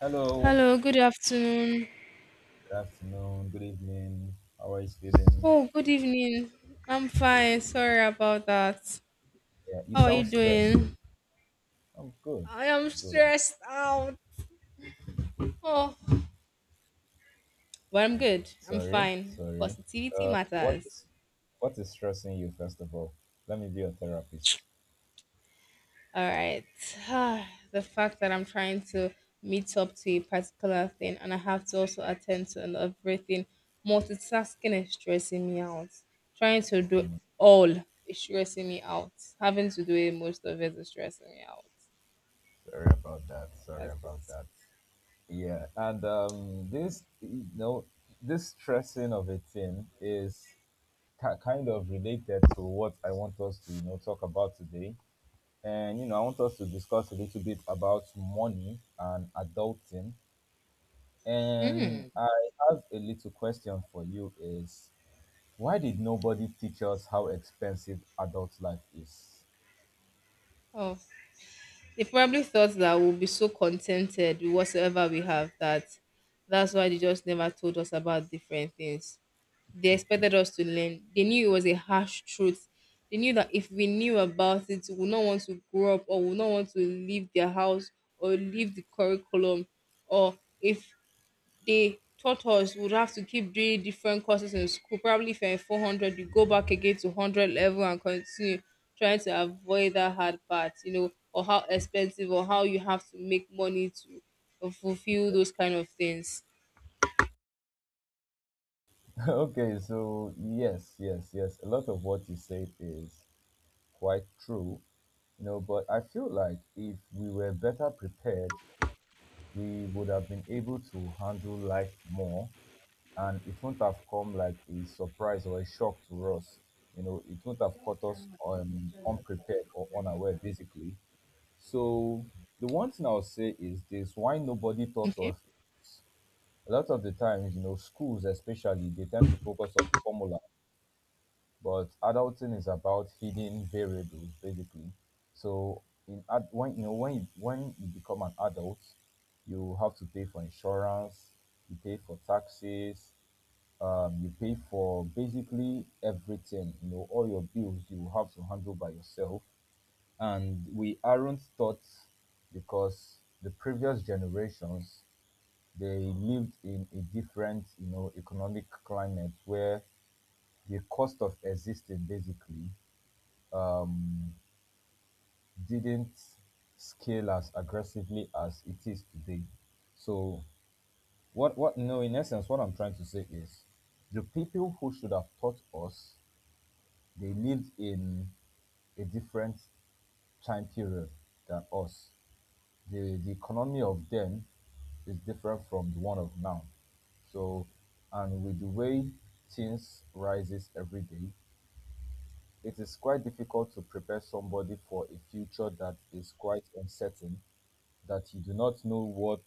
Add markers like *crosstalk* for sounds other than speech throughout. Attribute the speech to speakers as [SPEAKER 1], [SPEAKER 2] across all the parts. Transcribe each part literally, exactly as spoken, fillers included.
[SPEAKER 1] Hello.
[SPEAKER 2] Hello, good afternoon.
[SPEAKER 1] Good afternoon. Good evening. How are you feeling?
[SPEAKER 2] Oh, good evening. I'm fine. Sorry about that.
[SPEAKER 1] Yeah, you
[SPEAKER 2] How are you
[SPEAKER 1] sound stressed.
[SPEAKER 2] doing?
[SPEAKER 1] I'm good.
[SPEAKER 2] I am
[SPEAKER 1] I'm good. I'm
[SPEAKER 2] stressed out. Oh, but I'm good. I'm
[SPEAKER 1] sorry.
[SPEAKER 2] fine.
[SPEAKER 1] Sorry.
[SPEAKER 2] Positivity
[SPEAKER 1] Uh, what
[SPEAKER 2] matters.
[SPEAKER 1] is what is stressing you first of all? Let me be your therapist.
[SPEAKER 2] All right. *sighs* The fact that I'm trying to meet up to a particular thing and I have to also attend to another everything, multitasking is stressing me out. Trying to do
[SPEAKER 1] Mm,
[SPEAKER 2] all is stressing me out. Having to do it most of it is stressing me out.
[SPEAKER 1] Sorry about that. Sorry
[SPEAKER 2] That's it.
[SPEAKER 1] about that. Yeah, and um, this you know this stressing of a thing is ki kind of related to what I want us to you know talk about today. And you know, I want us to discuss a little bit about money and adulting. And I have a little question for you is, why did nobody teach us how expensive adult life is?
[SPEAKER 2] Oh, they probably thought that we'll be so contented with whatsoever we have that that's why they just never told us about different things. They expected us to learn. They knew it was a harsh truth. They knew that if we knew about it, we would not want to grow up or we would not want to leave their house or leave the curriculum. Or if they taught us we would have to keep doing different courses in school. Probably if you're in four hundred, you go back again to hundred level and continue trying to avoid that hard part, you know, or how expensive or how you have to make money to uh, fulfill those kind of things.
[SPEAKER 1] *laughs* Okay, so yes, yes, yes. A lot of what you said is quite true. You know, but I feel like if we were better prepared, we would have been able to handle life more, and it wouldn't have come like a surprise or a shock to us. You know, it wouldn't have caught us um, unprepared or unaware, basically. So the one thing I'll say is this: why nobody taught
[SPEAKER 2] Okay.
[SPEAKER 1] us. is a lot of the times, you know, schools especially, they tend to focus on formula, but adulting is about hidden variables, basically. So in ad- when you know when you, when you become an adult, you have to pay for insurance, you pay for taxes, um, you pay for basically everything, you know, all your bills you have to handle by yourself. And we aren't taught because the previous generations, they lived in a different, you know, economic climate where the cost of existing basically um, didn't scale as aggressively as it is today. So what what no, in essence, what I'm trying to say is, the people who should have taught us They lived in a different time period than us. The, the economy of them is different from the one of now. So, and with the way things rises every day, it is quite difficult to prepare somebody for a future that is quite uncertain, that you do not know what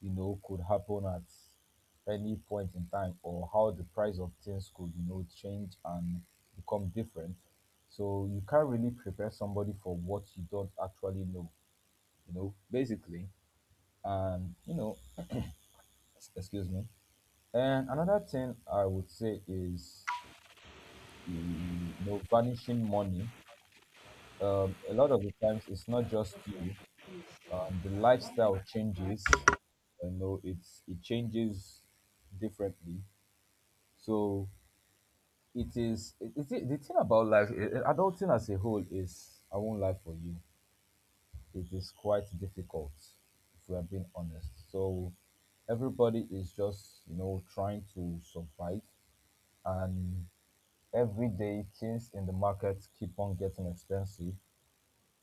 [SPEAKER 1] you know could happen at any point in time, or how the price of things could you know change and become different. So you can't really prepare somebody for what you don't actually know, you know, basically. And you know s- excuse me. And another thing I would say is, you know, vanishing money. um, a lot of the times it's not just you, and the lifestyle changes. You know, it's it changes differently. So it is it, it, the thing about life eh, eh, adulting as a whole is, I won't lie for you, it is quite difficult, if we are being honest. So everybody is just you know trying to survive, and every day things in the market keep on getting expensive,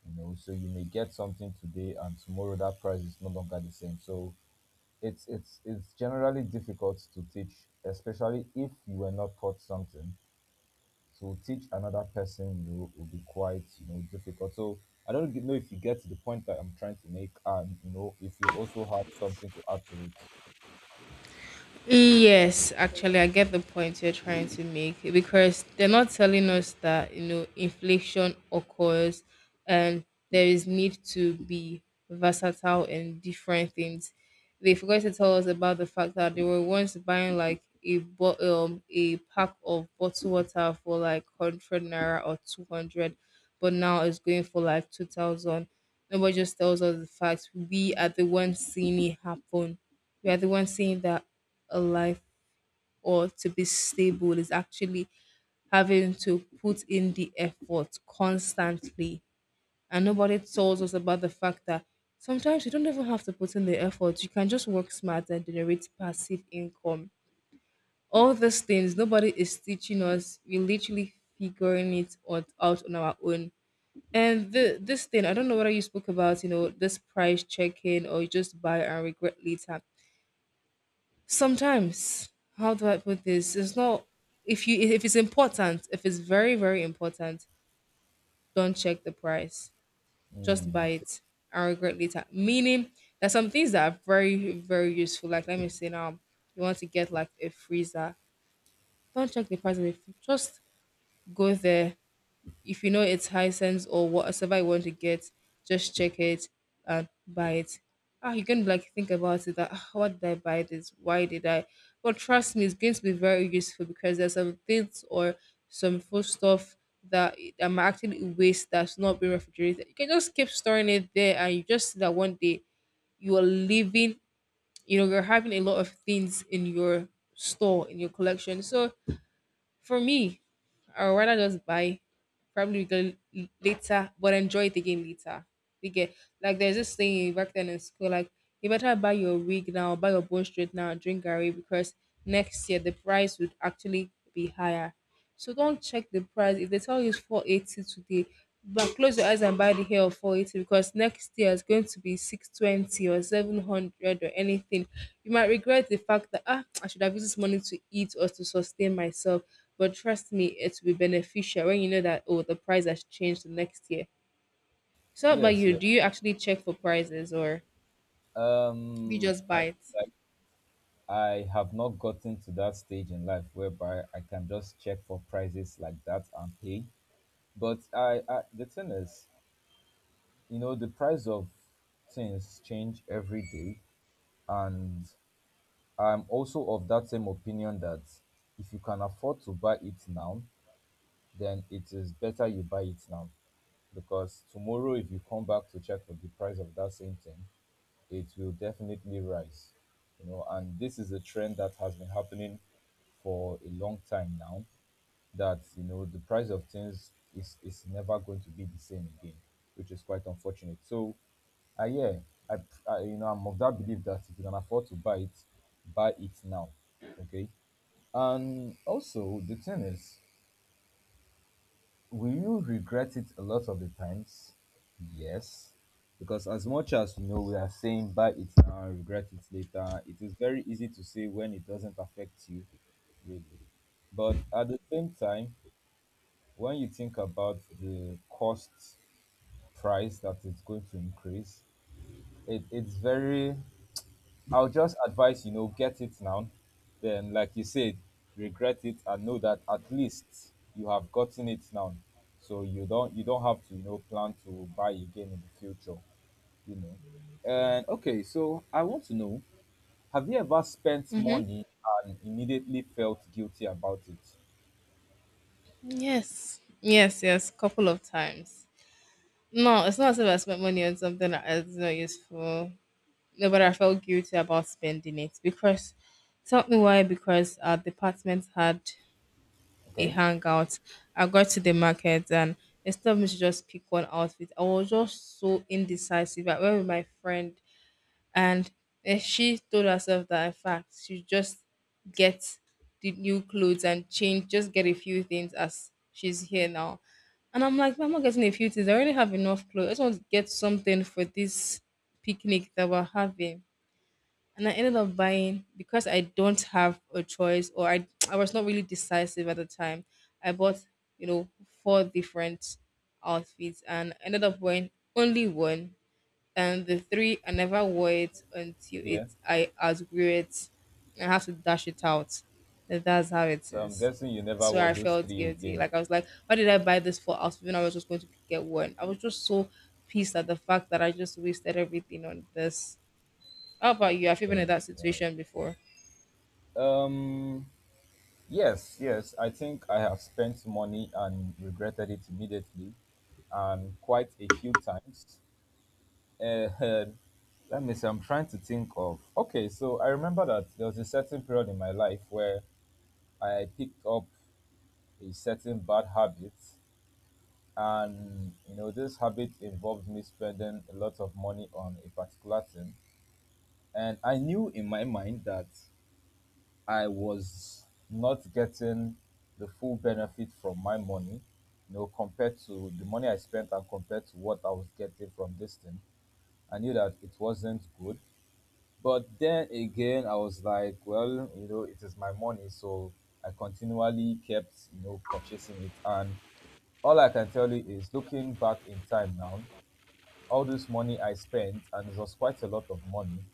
[SPEAKER 1] you know, so you may get something today and tomorrow that price is no longer the same. So it's it's it's generally difficult to teach, especially if you were not taught something. To teach another person will, will be quite you know difficult. So I don't g- know if you get to the point that I'm trying to make, and you know if you also have something to add to it.
[SPEAKER 2] Yes, actually, I get the point you're trying to make because they're not telling us that you know inflation occurs and there is need to be versatile in different things. They forgot to tell us about the fact that they were once buying like a bo- um, a pack of bottled water for like hundred naira or two hundred, but now it's going for like two thousand. Nobody just tells us the facts. We are the ones seeing it happen. We are the ones seeing that a life or to be stable is actually having to put in the effort constantly. And nobody tells us about the fact that sometimes you don't even have to put in the effort. You can just work smart and generate passive income. All these things, nobody is teaching us. We're literally figuring it out out on our own and the, this thing, I don't know whether you spoke about, you know, this price checking or you just buy and regret later. Sometimes, how do I put this? It's not if you if it's important, if it's very very important, don't check the price. Just
[SPEAKER 1] Hmm.
[SPEAKER 2] buy it and regret later. Meaning, there's some things that are very very useful. Like let me say now, you want to get like a freezer. Don't check the price of it. Just go there if you know it's Hisense or what, whatever you want to get, just check it and buy it. Ah, you're gonna be like think about it that "Ah, what did I buy this? Why did I? But trust me, it's going to be very useful because there's some things or some food stuff that I'm actually waste that's not being refrigerated. You can just keep storing it there, and you just see that one day you are living. You know, you're having a lot of things in your store in your collection, so for me, I would rather just buy probably go l- later, but enjoy it again later. You get like there's this thing back then in school, like you better buy your wig now, buy your bone straight now, drink Gary because next year the price would actually be higher. So don't check the price. If they tell you it's four eighty today, but close your eyes and buy the hair of four eighty because next year it's going to be six twenty or seven hundred or anything. You might regret the fact that ah, I should have used this money to eat or to sustain myself but trust me, it will be beneficial when you know that oh the price has changed the next year. So how about
[SPEAKER 1] Yes,
[SPEAKER 2] you?
[SPEAKER 1] yes.
[SPEAKER 2] Do you actually check for prices or do you
[SPEAKER 1] Um,
[SPEAKER 2] just buy
[SPEAKER 1] I
[SPEAKER 2] it?
[SPEAKER 1] like I have not gotten to that stage in life whereby I can just check for prices like that and pay. But I, I the thing is, you know the price of things change every day. And I'm also of that same opinion that if you can afford to buy it now, then it is better you buy it now, because tomorrow if you come back to check for the price of that same thing, it will definitely rise. You know, and this is a trend that has been happening for a long time now, that you know the price of things is is never going to be the same again, which is quite unfortunate. So, uh, yeah, I, I you know I'm of that belief that if you can afford to buy it, buy it now, okay. And also the thing is, will you regret it a lot of the times? Yes, because as much as you know we are saying buy it now, regret it later. It is very easy to say when it doesn't affect you, really. But at the same time, when you think about the cost price that is going to increase, it, it's very. I'll just advise, you know get it now, then like you said, regret it and know that at least you have gotten it now, so you don't you don't have to you know plan to buy again in the future, you know. And okay, so I want to know, have you ever spent
[SPEAKER 2] Mm-hmm.
[SPEAKER 1] money and immediately felt guilty about it?
[SPEAKER 2] Yes. Yes, yes, couple of times. No, it's not as if I spent money on something that is not useful. No, but I felt guilty about spending it because tell me why, because our department had a
[SPEAKER 1] Okay,
[SPEAKER 2] hangout. I got to the market and instead of me to just pick one outfit, I was just so indecisive. I went with my friend. And eh, she told herself that in fact she just get the new clothes and change, just get a few things as she's here now. And I'm like, I'm not getting a few things. I already have enough clothes. I just want to get something for this picnic that we're having. And I ended up buying because I don't have a choice or I *tsk* I was not really decisive at the time. I bought, you know, four different outfits and ended up wearing only one and the three I never wore it until
[SPEAKER 1] yeah.
[SPEAKER 2] it I outgrew it. I have to dash it out. And that's how it
[SPEAKER 1] So I'm
[SPEAKER 2] is.
[SPEAKER 1] guessing you never
[SPEAKER 2] So
[SPEAKER 1] wore
[SPEAKER 2] I
[SPEAKER 1] those
[SPEAKER 2] felt
[SPEAKER 1] three
[SPEAKER 2] guilty.
[SPEAKER 1] again.
[SPEAKER 2] Like I was like, why did I buy this for outfit when I was just going to get one? I was just so pissed at the fact that I just wasted everything on this. How about you? Have you been in
[SPEAKER 1] Yes,
[SPEAKER 2] that
[SPEAKER 1] yes.
[SPEAKER 2] situation before?
[SPEAKER 1] Um, yes, yes. I think I have spent money and regretted it immediately, and quite a few times. Uh, *laughs* Let me see. I'm trying to think of. Okay, so I remember that there was a certain period in my life where I picked up a certain bad habit, and you know this habit involved me spending a lot of money on a particular thing, and I knew in my mind that. I was not getting the full benefit from my money, you know, compared to the money I spent and compared to what I was getting from this thing. I knew that it wasn't good. But then again, I was like, well, you know, it is my money. So I continually kept, you know, purchasing it. And all I can tell you is, looking back in time now, all this money I spent, and it was quite a lot of money,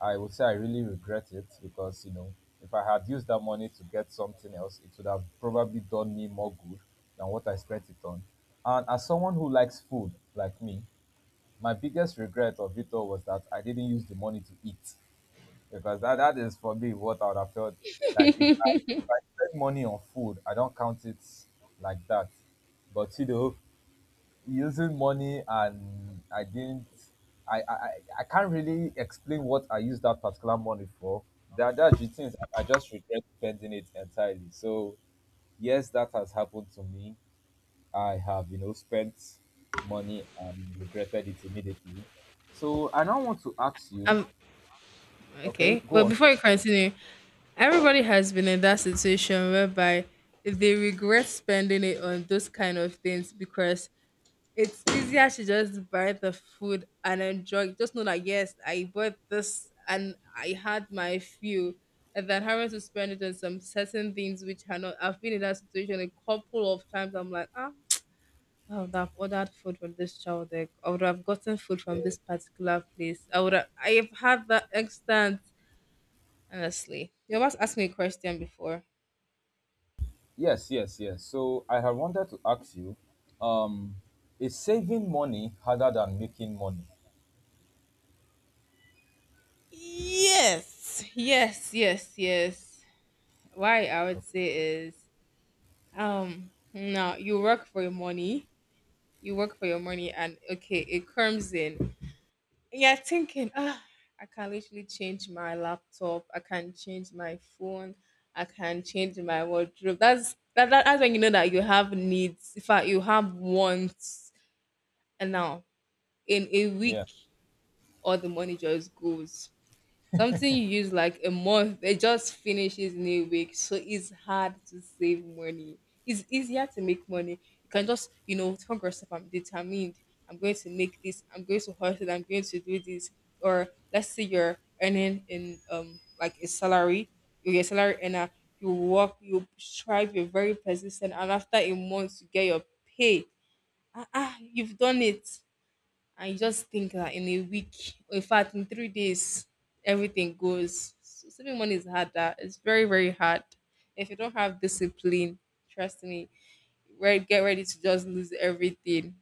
[SPEAKER 1] I would say I really regret it, because, you know, if I had used that money to get something else, it would have probably done me more good than what I spent it on. And as someone who likes food like me, my biggest regret of it all was that I didn't use the money to eat, because that, that is for me what I would have felt like. If I, if I spend money on food, I don't count it like that. But you know, using money and i didn't I, I i I can't really explain what I used that particular money for. That that's the things I just regret spending it entirely. So yes, that has happened to me. I have you know spent money and regretted it immediately. So I now want to ask you.
[SPEAKER 2] Um.
[SPEAKER 1] Okay,
[SPEAKER 2] Okay.
[SPEAKER 1] go
[SPEAKER 2] Well,
[SPEAKER 1] on.
[SPEAKER 2] before
[SPEAKER 1] Start
[SPEAKER 2] you continue, everybody has been in that situation whereby they regret spending it on those kind of things because it's easier to just buy the food and enjoy. Just know that yes, I bought this and I had my few, and then having to spend it on some certain things which are not. I've been in that situation a couple of times. I'm like, ah, I would have ordered food from this child. There. I would have gotten food
[SPEAKER 1] with
[SPEAKER 2] from
[SPEAKER 1] the-
[SPEAKER 2] this particular place. I would. Have, I have had that extent. Honestly, you almost asked me a question before.
[SPEAKER 1] yes, yes, yes. So I have wanted to ask you, um is saving money harder than making money?
[SPEAKER 2] Yes. Yes, yes, yes. Why I would
[SPEAKER 1] Okay.
[SPEAKER 2] say is Um, now you work for your money, you work for your money, and okay, it comes in. You're thinking, ah, I can literally change my laptop, I can change my phone, I can change my wardrobe. That's that, that that's when you know that you have needs. In fact, you have wants, and now in a
[SPEAKER 1] Yeah.
[SPEAKER 2] week, all the money just goes. Something you use like a month, it just finishes in a week. So it's hard to save money. It's easier to make money. You can just, you know, tell yourself, I'm determined. I'm going to make this. I'm going to hustle. I'm going to do this. Or let's say you're earning in um like a salary. You're a salary earner. You work. You strive. You're very persistent. And after a month, you get your pay. Ah, ah you've done it and you just think that in a week, in fact, in three days, everything goes. So saving money is harder. It's very, very hard. If you don't have discipline, trust me, re- get ready to just lose everything.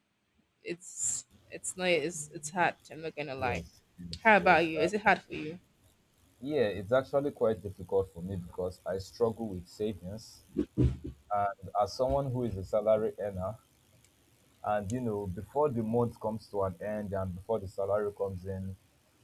[SPEAKER 2] It's it's not it's it's hard. I'm not gonna lie.
[SPEAKER 1] Yes, yes,
[SPEAKER 2] How about
[SPEAKER 1] yes.
[SPEAKER 2] you?
[SPEAKER 1] Uh,
[SPEAKER 2] Is it hard for you?
[SPEAKER 1] yeah, it's actually quite difficult for me because I struggle with savings. And as someone who is a salary earner, and you know before the month comes to an end and before the salary comes in,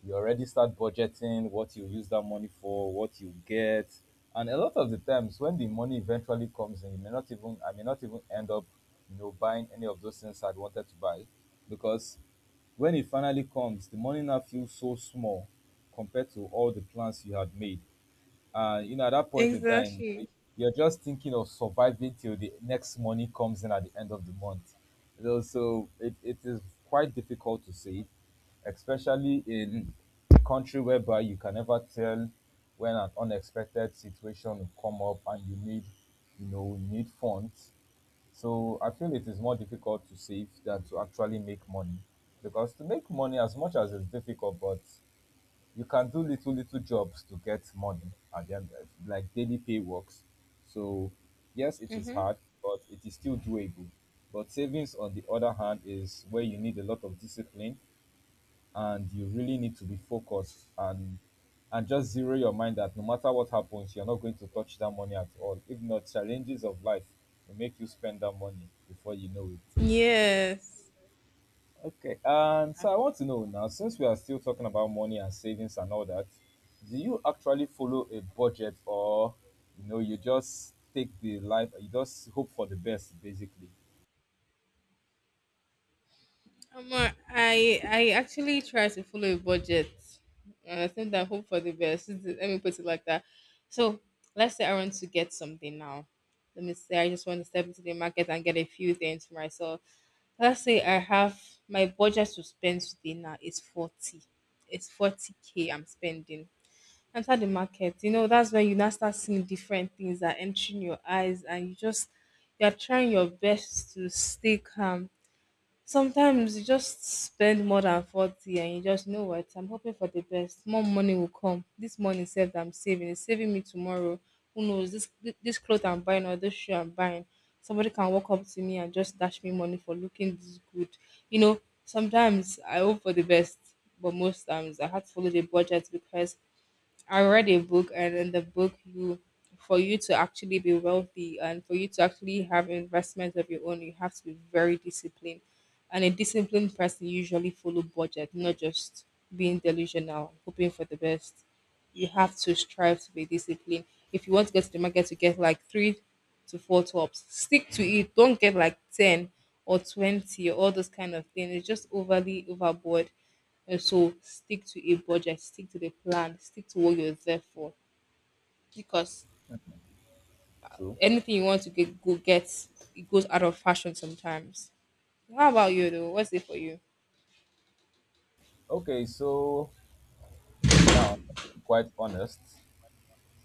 [SPEAKER 1] you already start budgeting what you use that money for, what you get, and a lot of the times when the money eventually comes in, you may not even I may not even end up you know buying any of those things I'd wanted to buy, because when it finally comes, the money now feels so small compared to all the plans you had made. And you know, at that point in time,
[SPEAKER 2] Exactly.
[SPEAKER 1] you're just thinking of surviving till the next money comes in at the end of the month. You know, so it, it is quite difficult to save, especially in a country whereby you can never tell when an unexpected situation will come up and you need, you know, you need funds. So I feel it is more difficult to save than to actually make money. Because to make money, as much as it's difficult, but you can do little little jobs to get money at the end, like daily pay works. So yes, it is
[SPEAKER 2] Mm-hmm.
[SPEAKER 1] hard, but it is still doable. But savings on the other hand is where you need a lot of discipline, and you really need to be focused, and and just zero your mind that no matter what happens, you're not going to touch that money at all. If not, challenges of life will make you spend that money before you know it.
[SPEAKER 2] Yes.
[SPEAKER 1] Okay, and so I want to know now, since we are still talking about money and savings and all that, do you actually follow a budget, or you know you just take the life, you just hope for the best, basically?
[SPEAKER 2] Um, uh, I I actually try to follow a budget. And I think that hope for the best. Let me put it like that. So let's say I want to get something now. Let me say I just want to step into the market and get a few things for myself. Let's say I have my budget to spend today now is forty. It's forty k I'm spending. Enter the market, you know that's when you now start seeing different things that entering your eyes, and you just you're trying your best to stay calm. Sometimes you just spend more than forty and you just you know what, I'm hoping for the best. More money will come. This money saved I'm saving. It's saving me tomorrow. Who knows? This this clothes I'm buying or this shoe I'm buying. Somebody can walk up to me and just dash me money for looking this good. You know, sometimes I hope for the best, but most times I had to follow the budget because I read a book, and in the book, you for you to actually be wealthy and for you to actually have investments of your own, you have to be very disciplined. And a disciplined person usually follow budget, not just being delusional, hoping for the best. You have to strive to be disciplined. If you want to get to the market to get like three to four tops, stick to it. Don't get like ten or twenty or all those kind of things. It's just overly overboard. And so stick to a budget, stick to the plan, stick to what you're there for. Because
[SPEAKER 1] True.
[SPEAKER 2] anything you want to get go get, it goes out of fashion sometimes. How about you though? What's it for you?
[SPEAKER 1] Okay, so now I'm quite honest,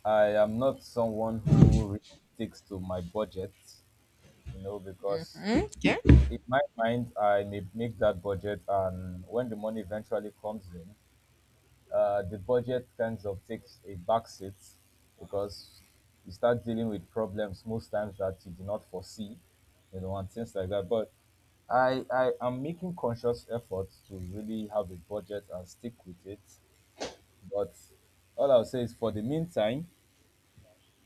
[SPEAKER 1] I am not someone who really sticks to my budget, you know, because
[SPEAKER 2] Mm? Yeah.
[SPEAKER 1] in my mind I may make that budget and when the money eventually comes in, uh, the budget kind of takes a back seat because you start dealing with problems most times that you do not foresee, you know, and things like that. But I, I am making conscious efforts to really have a budget and stick with it. But all I'll say is for the meantime,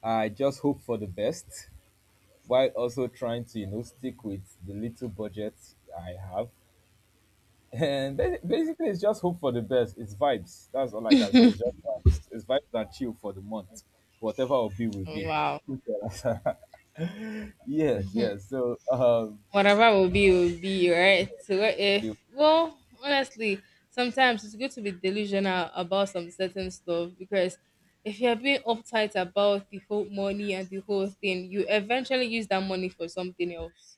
[SPEAKER 1] I just hope for the best while also trying to, you know, stick with the little budget I have and ba- basically, it's just hope for the best. It's vibes. That's all I can say. It's just vibes. It's vibes and chill for the month. Whatever will be, will
[SPEAKER 2] Oh,
[SPEAKER 1] be.
[SPEAKER 2] wow.
[SPEAKER 1] *laughs* You tell us. *laughs* Yes, yes. So, um,
[SPEAKER 2] Whatever will be will be, right? So what
[SPEAKER 1] the,
[SPEAKER 2] if well, honestly, sometimes it's good to be delusional about some certain stuff because if you're being uptight about the whole money and the whole thing, you eventually use that money for something else.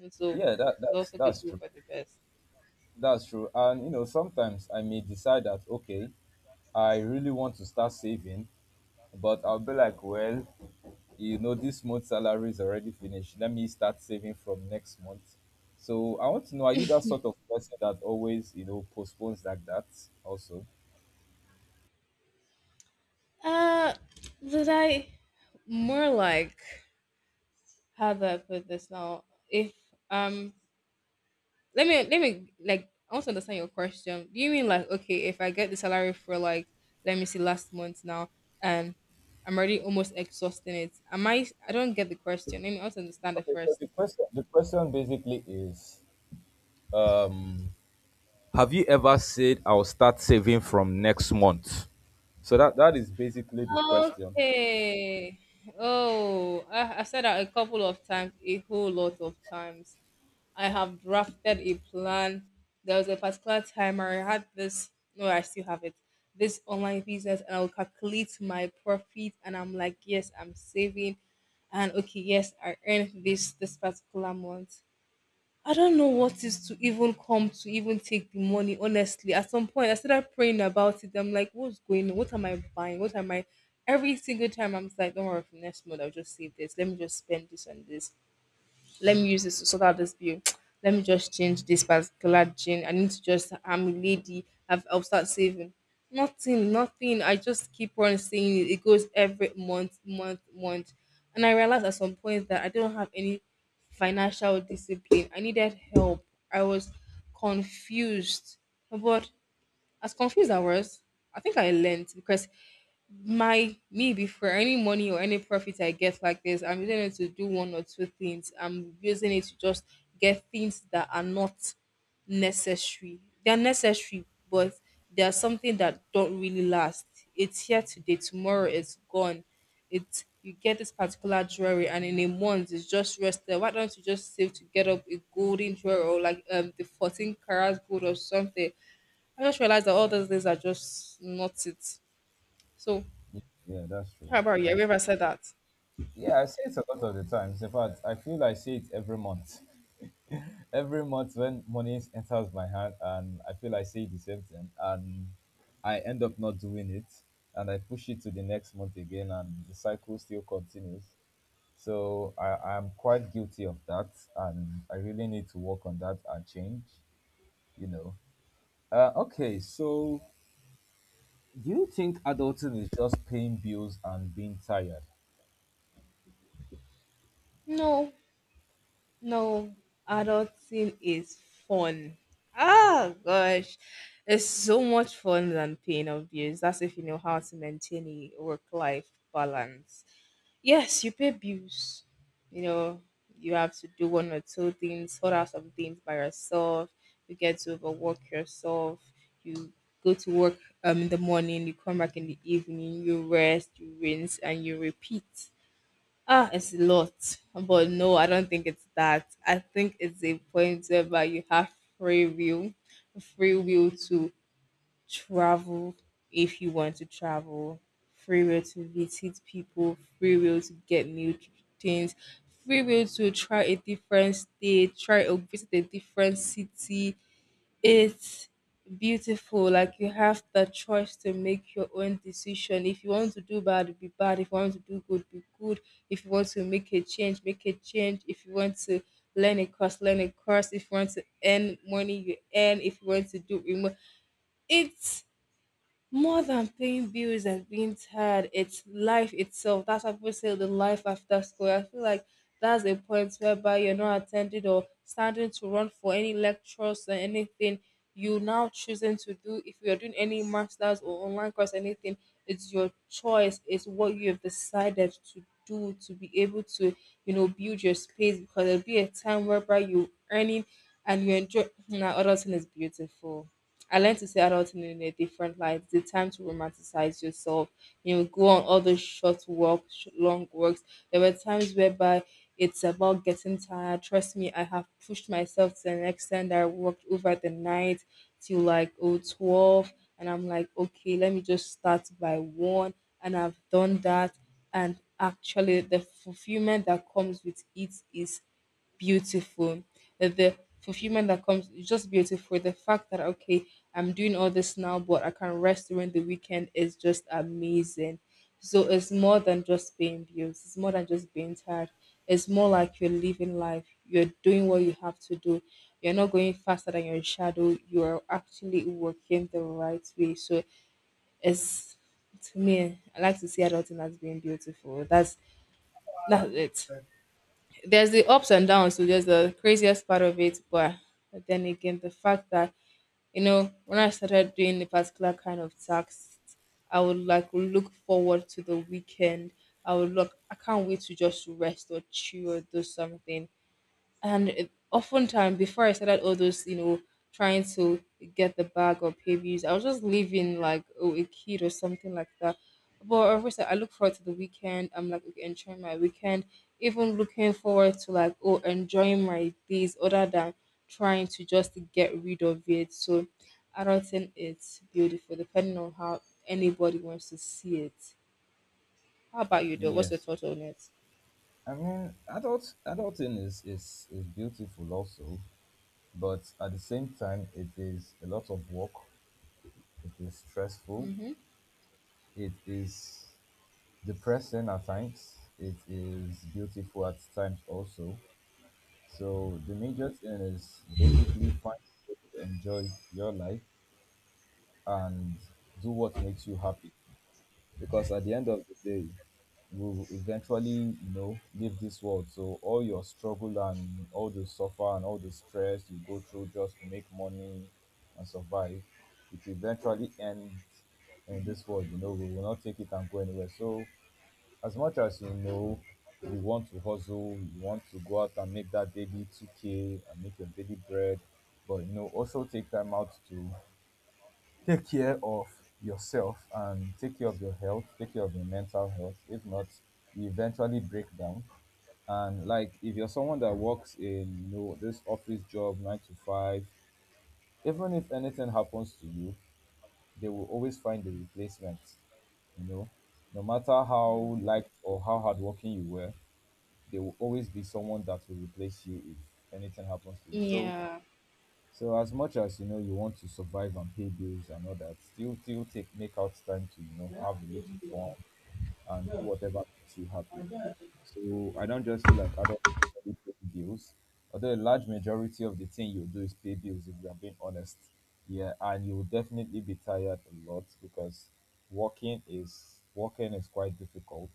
[SPEAKER 2] And so
[SPEAKER 1] yeah, that
[SPEAKER 2] it's
[SPEAKER 1] that's
[SPEAKER 2] also good
[SPEAKER 1] that's
[SPEAKER 2] to go
[SPEAKER 1] true.
[SPEAKER 2] for the best.
[SPEAKER 1] That's true. And you know, sometimes I may decide that okay, I really want to start saving, but I'll be like, well, you know this month's salary is already finished. Let me start saving from next month. So I want to know, are you that sort of person that always you know postpones like that also?
[SPEAKER 2] Uh, that I more like, how do I put this now? If um, let me let me like, I want to understand your question. Do you mean like, okay, if I get the salary for like, let me see last month now, and I'm already almost exhausting it. Am I? I don't get the question. Let me also understand it
[SPEAKER 1] Okay, so
[SPEAKER 2] first.
[SPEAKER 1] the question the question basically is, um have you ever said I'll start saving from next month? So that that is basically the question.
[SPEAKER 2] Okay. Oh, I, I said that a couple of times, a whole lot of times. I have drafted a plan. There was a particular time I had this. No, I still have it. This online business, and I'll calculate my profit. And I'm like, yes, I'm saving, and okay, yes, I earned this this particular month. I don't know what is to even come to even take the money. Honestly, at some point, I started praying about it. I'm like, what's going on? What am I buying? What am I? Every single time, I'm just like, don't worry, for next month, I'll just save this. Let me just spend this on this, let me use this to sort out this bill. *tsk* Let me just change this particular gin. I need to just, I'm a lady. I've, I'll start saving. Nothing, nothing. I just keep on saying it. It goes every month, month, month. And I realized at some point that I don't have any financial discipline. I needed help. I was confused. But as confused as I was, I think I learned because my me before any money or any profit I get like this, I'm using it to do one or two things. I'm using it to just get things that are not necessary. They're necessary, but they are something that don't really last. It's here today, tomorrow it's gone. It's, you get this particular jewelry and in a month it's just rested. Why don't you just save to get up a golden jewelry or like um the fourteen karat gold or something? I just realized that all those things are just not it. So
[SPEAKER 1] Yeah, that's true.
[SPEAKER 2] how about you? Have you
[SPEAKER 1] That's
[SPEAKER 2] ever said that?
[SPEAKER 1] Yeah, I say it a lot of the times. In fact, I feel I say it every month. Every month when money enters my hand, and I feel I say the same thing, and I end up not doing it, and I push it to the next month again, and the cycle still continues. So I, I'm quite guilty of that and I really need to work on that and change, you know. Uh, okay, so do you think adulting is just paying bills and being tired?
[SPEAKER 2] No, no, adulting is fun. Ah, gosh, it's so much fun than paying off bills. That's if you know how to maintain a work life balance. Yes, you pay bills. You know, you have to do one or two things, sort out some things by yourself. You get to overwork yourself. You go to work um, in the morning, you come back in the evening, you rest, you rinse, and you repeat. Ah, it's a lot, but no, I don't think it's that. I think it's a point whereby you have free will, free will to travel if you want to travel, free will to visit people, free will to get new tr- things, free will to try a different state, try or visit a different city, it's beautiful. Like, you have the choice to make your own decision. If you want to do bad, be bad. If you want to do good, be good. If you want to make a change, make a change. If you want to learn a course, learn a course. If you want to earn money, you earn. If you want to do remote, it's more than paying bills and being tired, it's life itself. That's what people say, the life after school. I feel like that's a point whereby you're not attended or standing to run for any lectures or anything. You now choosing to do, if you're doing any masters or online course, anything, it's your choice, it's what you have decided to do to be able to, you know, build your space, because there'll be a time whereby you are earning and you enjoy. *clears throat* Now other thing is beautiful. I learned to see adulting in a different light. The time to romanticize yourself, you know, go on all those short walks, sh- long walks. There were times whereby it's about getting tired. Trust me, I have pushed myself to an extent that I worked over the night till like oh twelve, and I'm like, okay, let me just start by one, and I've done that, and actually the fulfillment that comes with it is beautiful. The, the fulfillment that comes is just beautiful. The fact that, okay, I'm doing all this now, but I can rest during the weekend is just amazing. So it's more than just being abused. It's more than just being tired. It's more like you're living life. You're doing what you have to do. You're not going faster than your shadow. You are actually working the right way. So it's, to me, I like to see adulting as being beautiful. That's that's it, there's the ups and downs, so there's the craziest part of it, but then again, the fact that, you know, when I started doing a particular kind of task, I would like look forward to the weekend. I would look, I can't wait to just rest or chill or do something. And it, oftentimes, before I started all those, you know, trying to get the bag or pay views, I was just living like, oh, a kid or something like that. But of course, I look forward to the weekend. I'm like, okay, enjoying my weekend, even looking forward to like, oh, enjoying my days, other than trying to just get rid of it. So adulting it's beautiful, depending on how anybody wants to see it. How about you, though? What's your
[SPEAKER 1] Yes.
[SPEAKER 2] thought on it?
[SPEAKER 1] I mean, adult adulting is, is, is beautiful also, but at the same time it is a lot of work. It is stressful.
[SPEAKER 2] Mm-hmm.
[SPEAKER 1] It is depressing at times, it is beautiful at times also. So the major thing is basically find a way to enjoy your life and do what makes you happy, because at the end of the day, you will eventually you know leave this world. So all your struggle and all the suffer and all the stress you go through just to make money and survive, it eventually ends. In this world, you know we will not take it and go anywhere. So as much as you know you want to hustle, you want to go out and make that daily two k and make your daily bread, but you know also take time out to take care of yourself and take care of your health, take care of your mental health. If not, you eventually break down. And like if you're someone that works in, you know, this office job nine to five, even if anything happens to you, they will always find a replacement. You know, no matter how liked or how hardworking you were, there will always be someone that will replace you if anything happens to you. So
[SPEAKER 2] Yeah.
[SPEAKER 1] so as much as you know you want to survive and pay bills and all that, still still take make out time to you know have a little fun, and do whatever makes you happy. So I don't just feel like adults only pay bills, although a large majority of the thing you do is pay bills if we are being honest. Yeah, and you will definitely be tired a lot because working is working is quite difficult,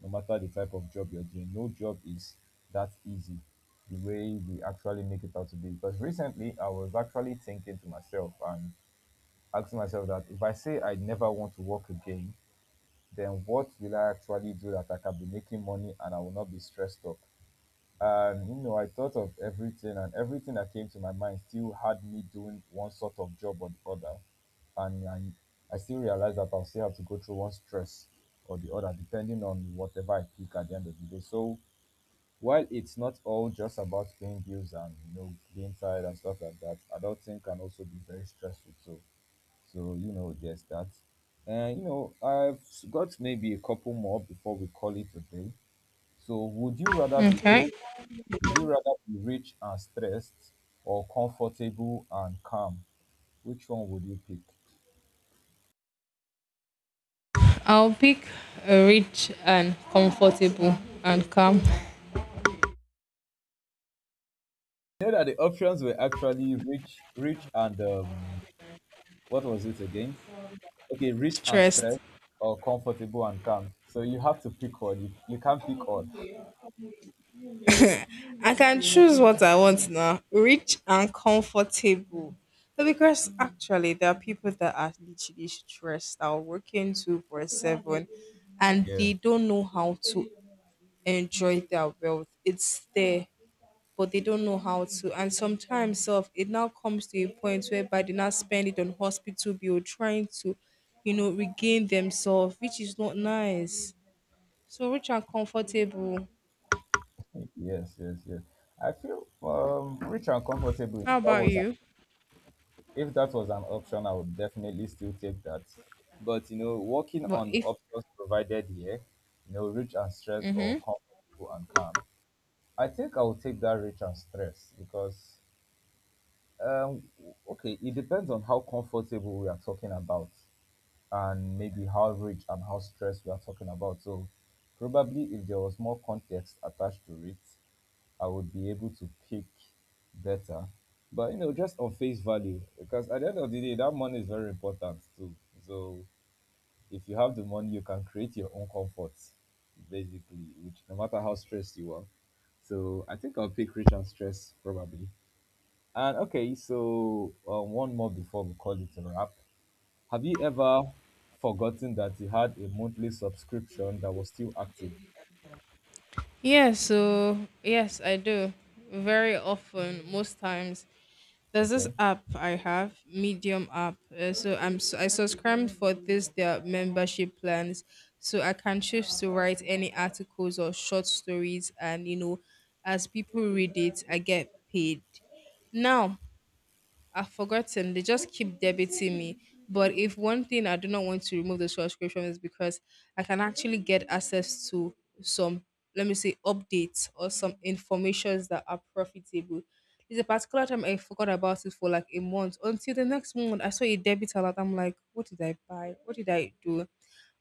[SPEAKER 1] no matter the type of job you're doing. No job is that easy the way we actually make it out to be. Because recently I was actually thinking to myself and asking myself that if I say I never want to work again, then what will I actually do that I can be making money and I will not be stressed up? And you know, I thought of everything, and everything that came to my mind still had me doing one sort of job or the other. And I, I still realized that I'll still have to go through one stress or the other, depending on whatever I pick at the end of the day. So while it's not all just about paying bills and you know being tired and stuff like that, adulting can also be very stressful too. So, you know, there's that. And, you know, I've got maybe a couple more before we call it a day. So, would you rather be rich?
[SPEAKER 2] Okay.
[SPEAKER 1] Would you rather be rich and stressed or comfortable and calm? Which one would you pick?
[SPEAKER 2] I'll pick a rich and comfortable and calm.
[SPEAKER 1] You know that the options were actually rich, rich and um, what was it again? Okay, rich and
[SPEAKER 2] Stressed.
[SPEAKER 1] stressed or comfortable and calm. So you have to pick one. You, you can't pick all.
[SPEAKER 2] I can choose what I want now. Rich and comfortable. But because actually there are people that are literally stressed out, working twenty-four seven, and
[SPEAKER 1] Yeah.
[SPEAKER 2] they don't know how to enjoy their wealth. It's there, but they don't know how to. And sometimes self, it now comes to a point whereby they now spend it on hospital bill trying to, you know, regain themselves, which is not nice. So rich and comfortable.
[SPEAKER 1] Yes, yes, yes. I feel um, rich and comfortable.
[SPEAKER 2] How
[SPEAKER 1] That
[SPEAKER 2] about
[SPEAKER 1] was
[SPEAKER 2] you?
[SPEAKER 1] If that was an option, I would definitely still take that. But you know, working
[SPEAKER 2] But
[SPEAKER 1] on the
[SPEAKER 2] if,
[SPEAKER 1] options provided here, you know, rich and stressed or
[SPEAKER 2] mm-hmm.
[SPEAKER 1] comfortable and calm, I think I would take that rich and stressed because, um, okay, it depends on how comfortable we are talking about, and maybe how rich and how stressed we are talking about. So, probably if there was more context attached to it, I would be able to pick better. But you know, just on face value, because at the end of the day, that money is very important too. So if you have the money, you can create your own comfort, basically, which no matter how stressed you are. So I think I'll pick rich and stress probably. And okay, so um, one more before we call it a wrap. Have you ever forgotten that you had a monthly subscription that was still active?
[SPEAKER 2] Yeah, so yes, I do. Very often, most times. There's this
[SPEAKER 1] Okay.
[SPEAKER 2] app I have, Medium app. Uh, so I'm s- I subscribed for this their membership plans, so I can choose to write any articles or short stories, and you know, as people read it, I get paid. Now, I've forgotten. They just keep debiting me. But if one thing I do not want to remove the subscription is because I can actually get access to some, let me say, updates or some informations that are profitable. There's a particular time I forgot about it for like a month. Until the next moment, I saw a debit alert. I'm like, what did I buy? What did I do?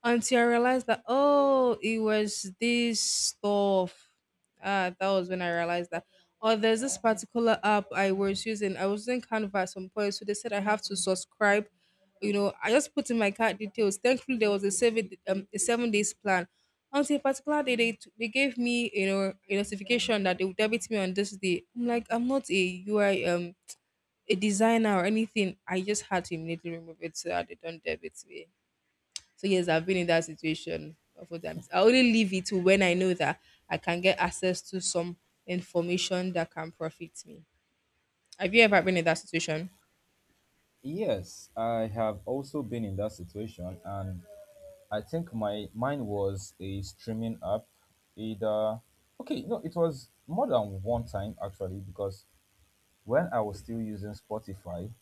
[SPEAKER 2] Until I realized that, oh, it was this stuff. Ah, that was when I realized that. Oh, there's this particular app I was using. I was using Canva at some point, so they said I have to subscribe. You know, I just put in my card details. Thankfully, there was a seven um, a seven days plan. Until a particular day, they t- they gave me, you know, a notification that they would debit me on this day. I'm like, I'm not a U I um a designer or anything. I just had to immediately remove it so that they don't debit me. So yes, I've been in that situation a few times. I only leave it to when I know that I can get access to some information that can profit me. Have you ever been in that situation?
[SPEAKER 1] Yes, I have also been in that situation, and I think my mine was a streaming app. Either okay, no, it was more than one time actually because when I was still using Spotify,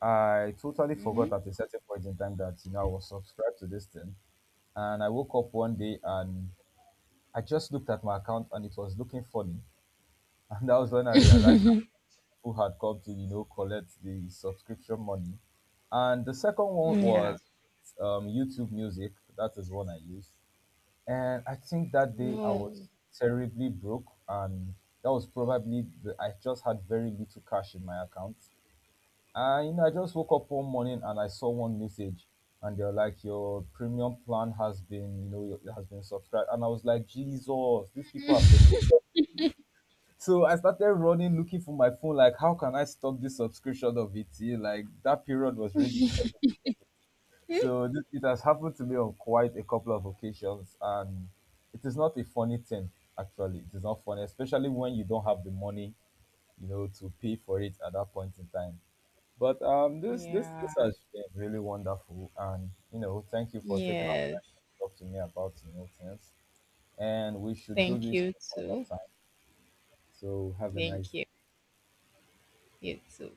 [SPEAKER 1] I totally forgot
[SPEAKER 2] Mm-hmm.
[SPEAKER 1] at a certain point in time that you know I was subscribed to this thing, and I woke up one day and I just looked at my account and it was looking funny, *laughs* and that was when I realized that people had come to you know collect the subscription money, and the second one
[SPEAKER 2] Yeah.
[SPEAKER 1] was um, YouTube Music. That is one I use. And I think that day I was
[SPEAKER 2] No.
[SPEAKER 1] terribly broke, and that was probably the, I just had very little cash in my account. And you know, I just woke up one morning and I saw one message, and they're like, "Your premium plan has been, you know, your- it has been subscribed." And I was like, "Jesus, these people have been." So I started running, looking for my phone, like, "How can I stop this subscription of it?" Like that period was really *laughs* So th- it has happened to me on quite a couple of occasions, and it is not a funny thing. Actually, it is not funny, especially when you don't have the money, you know, to pay for it at that point in time. But um, this this this
[SPEAKER 2] Yeah.
[SPEAKER 1] has been really wonderful, and you know, thank you for taking out
[SPEAKER 2] Yes.
[SPEAKER 1] time to talk to me about you know things, and we should do
[SPEAKER 2] Thank
[SPEAKER 1] this
[SPEAKER 2] you
[SPEAKER 1] another
[SPEAKER 2] too.
[SPEAKER 1] time. So have a
[SPEAKER 2] Thank
[SPEAKER 1] nice day.
[SPEAKER 2] you. You too.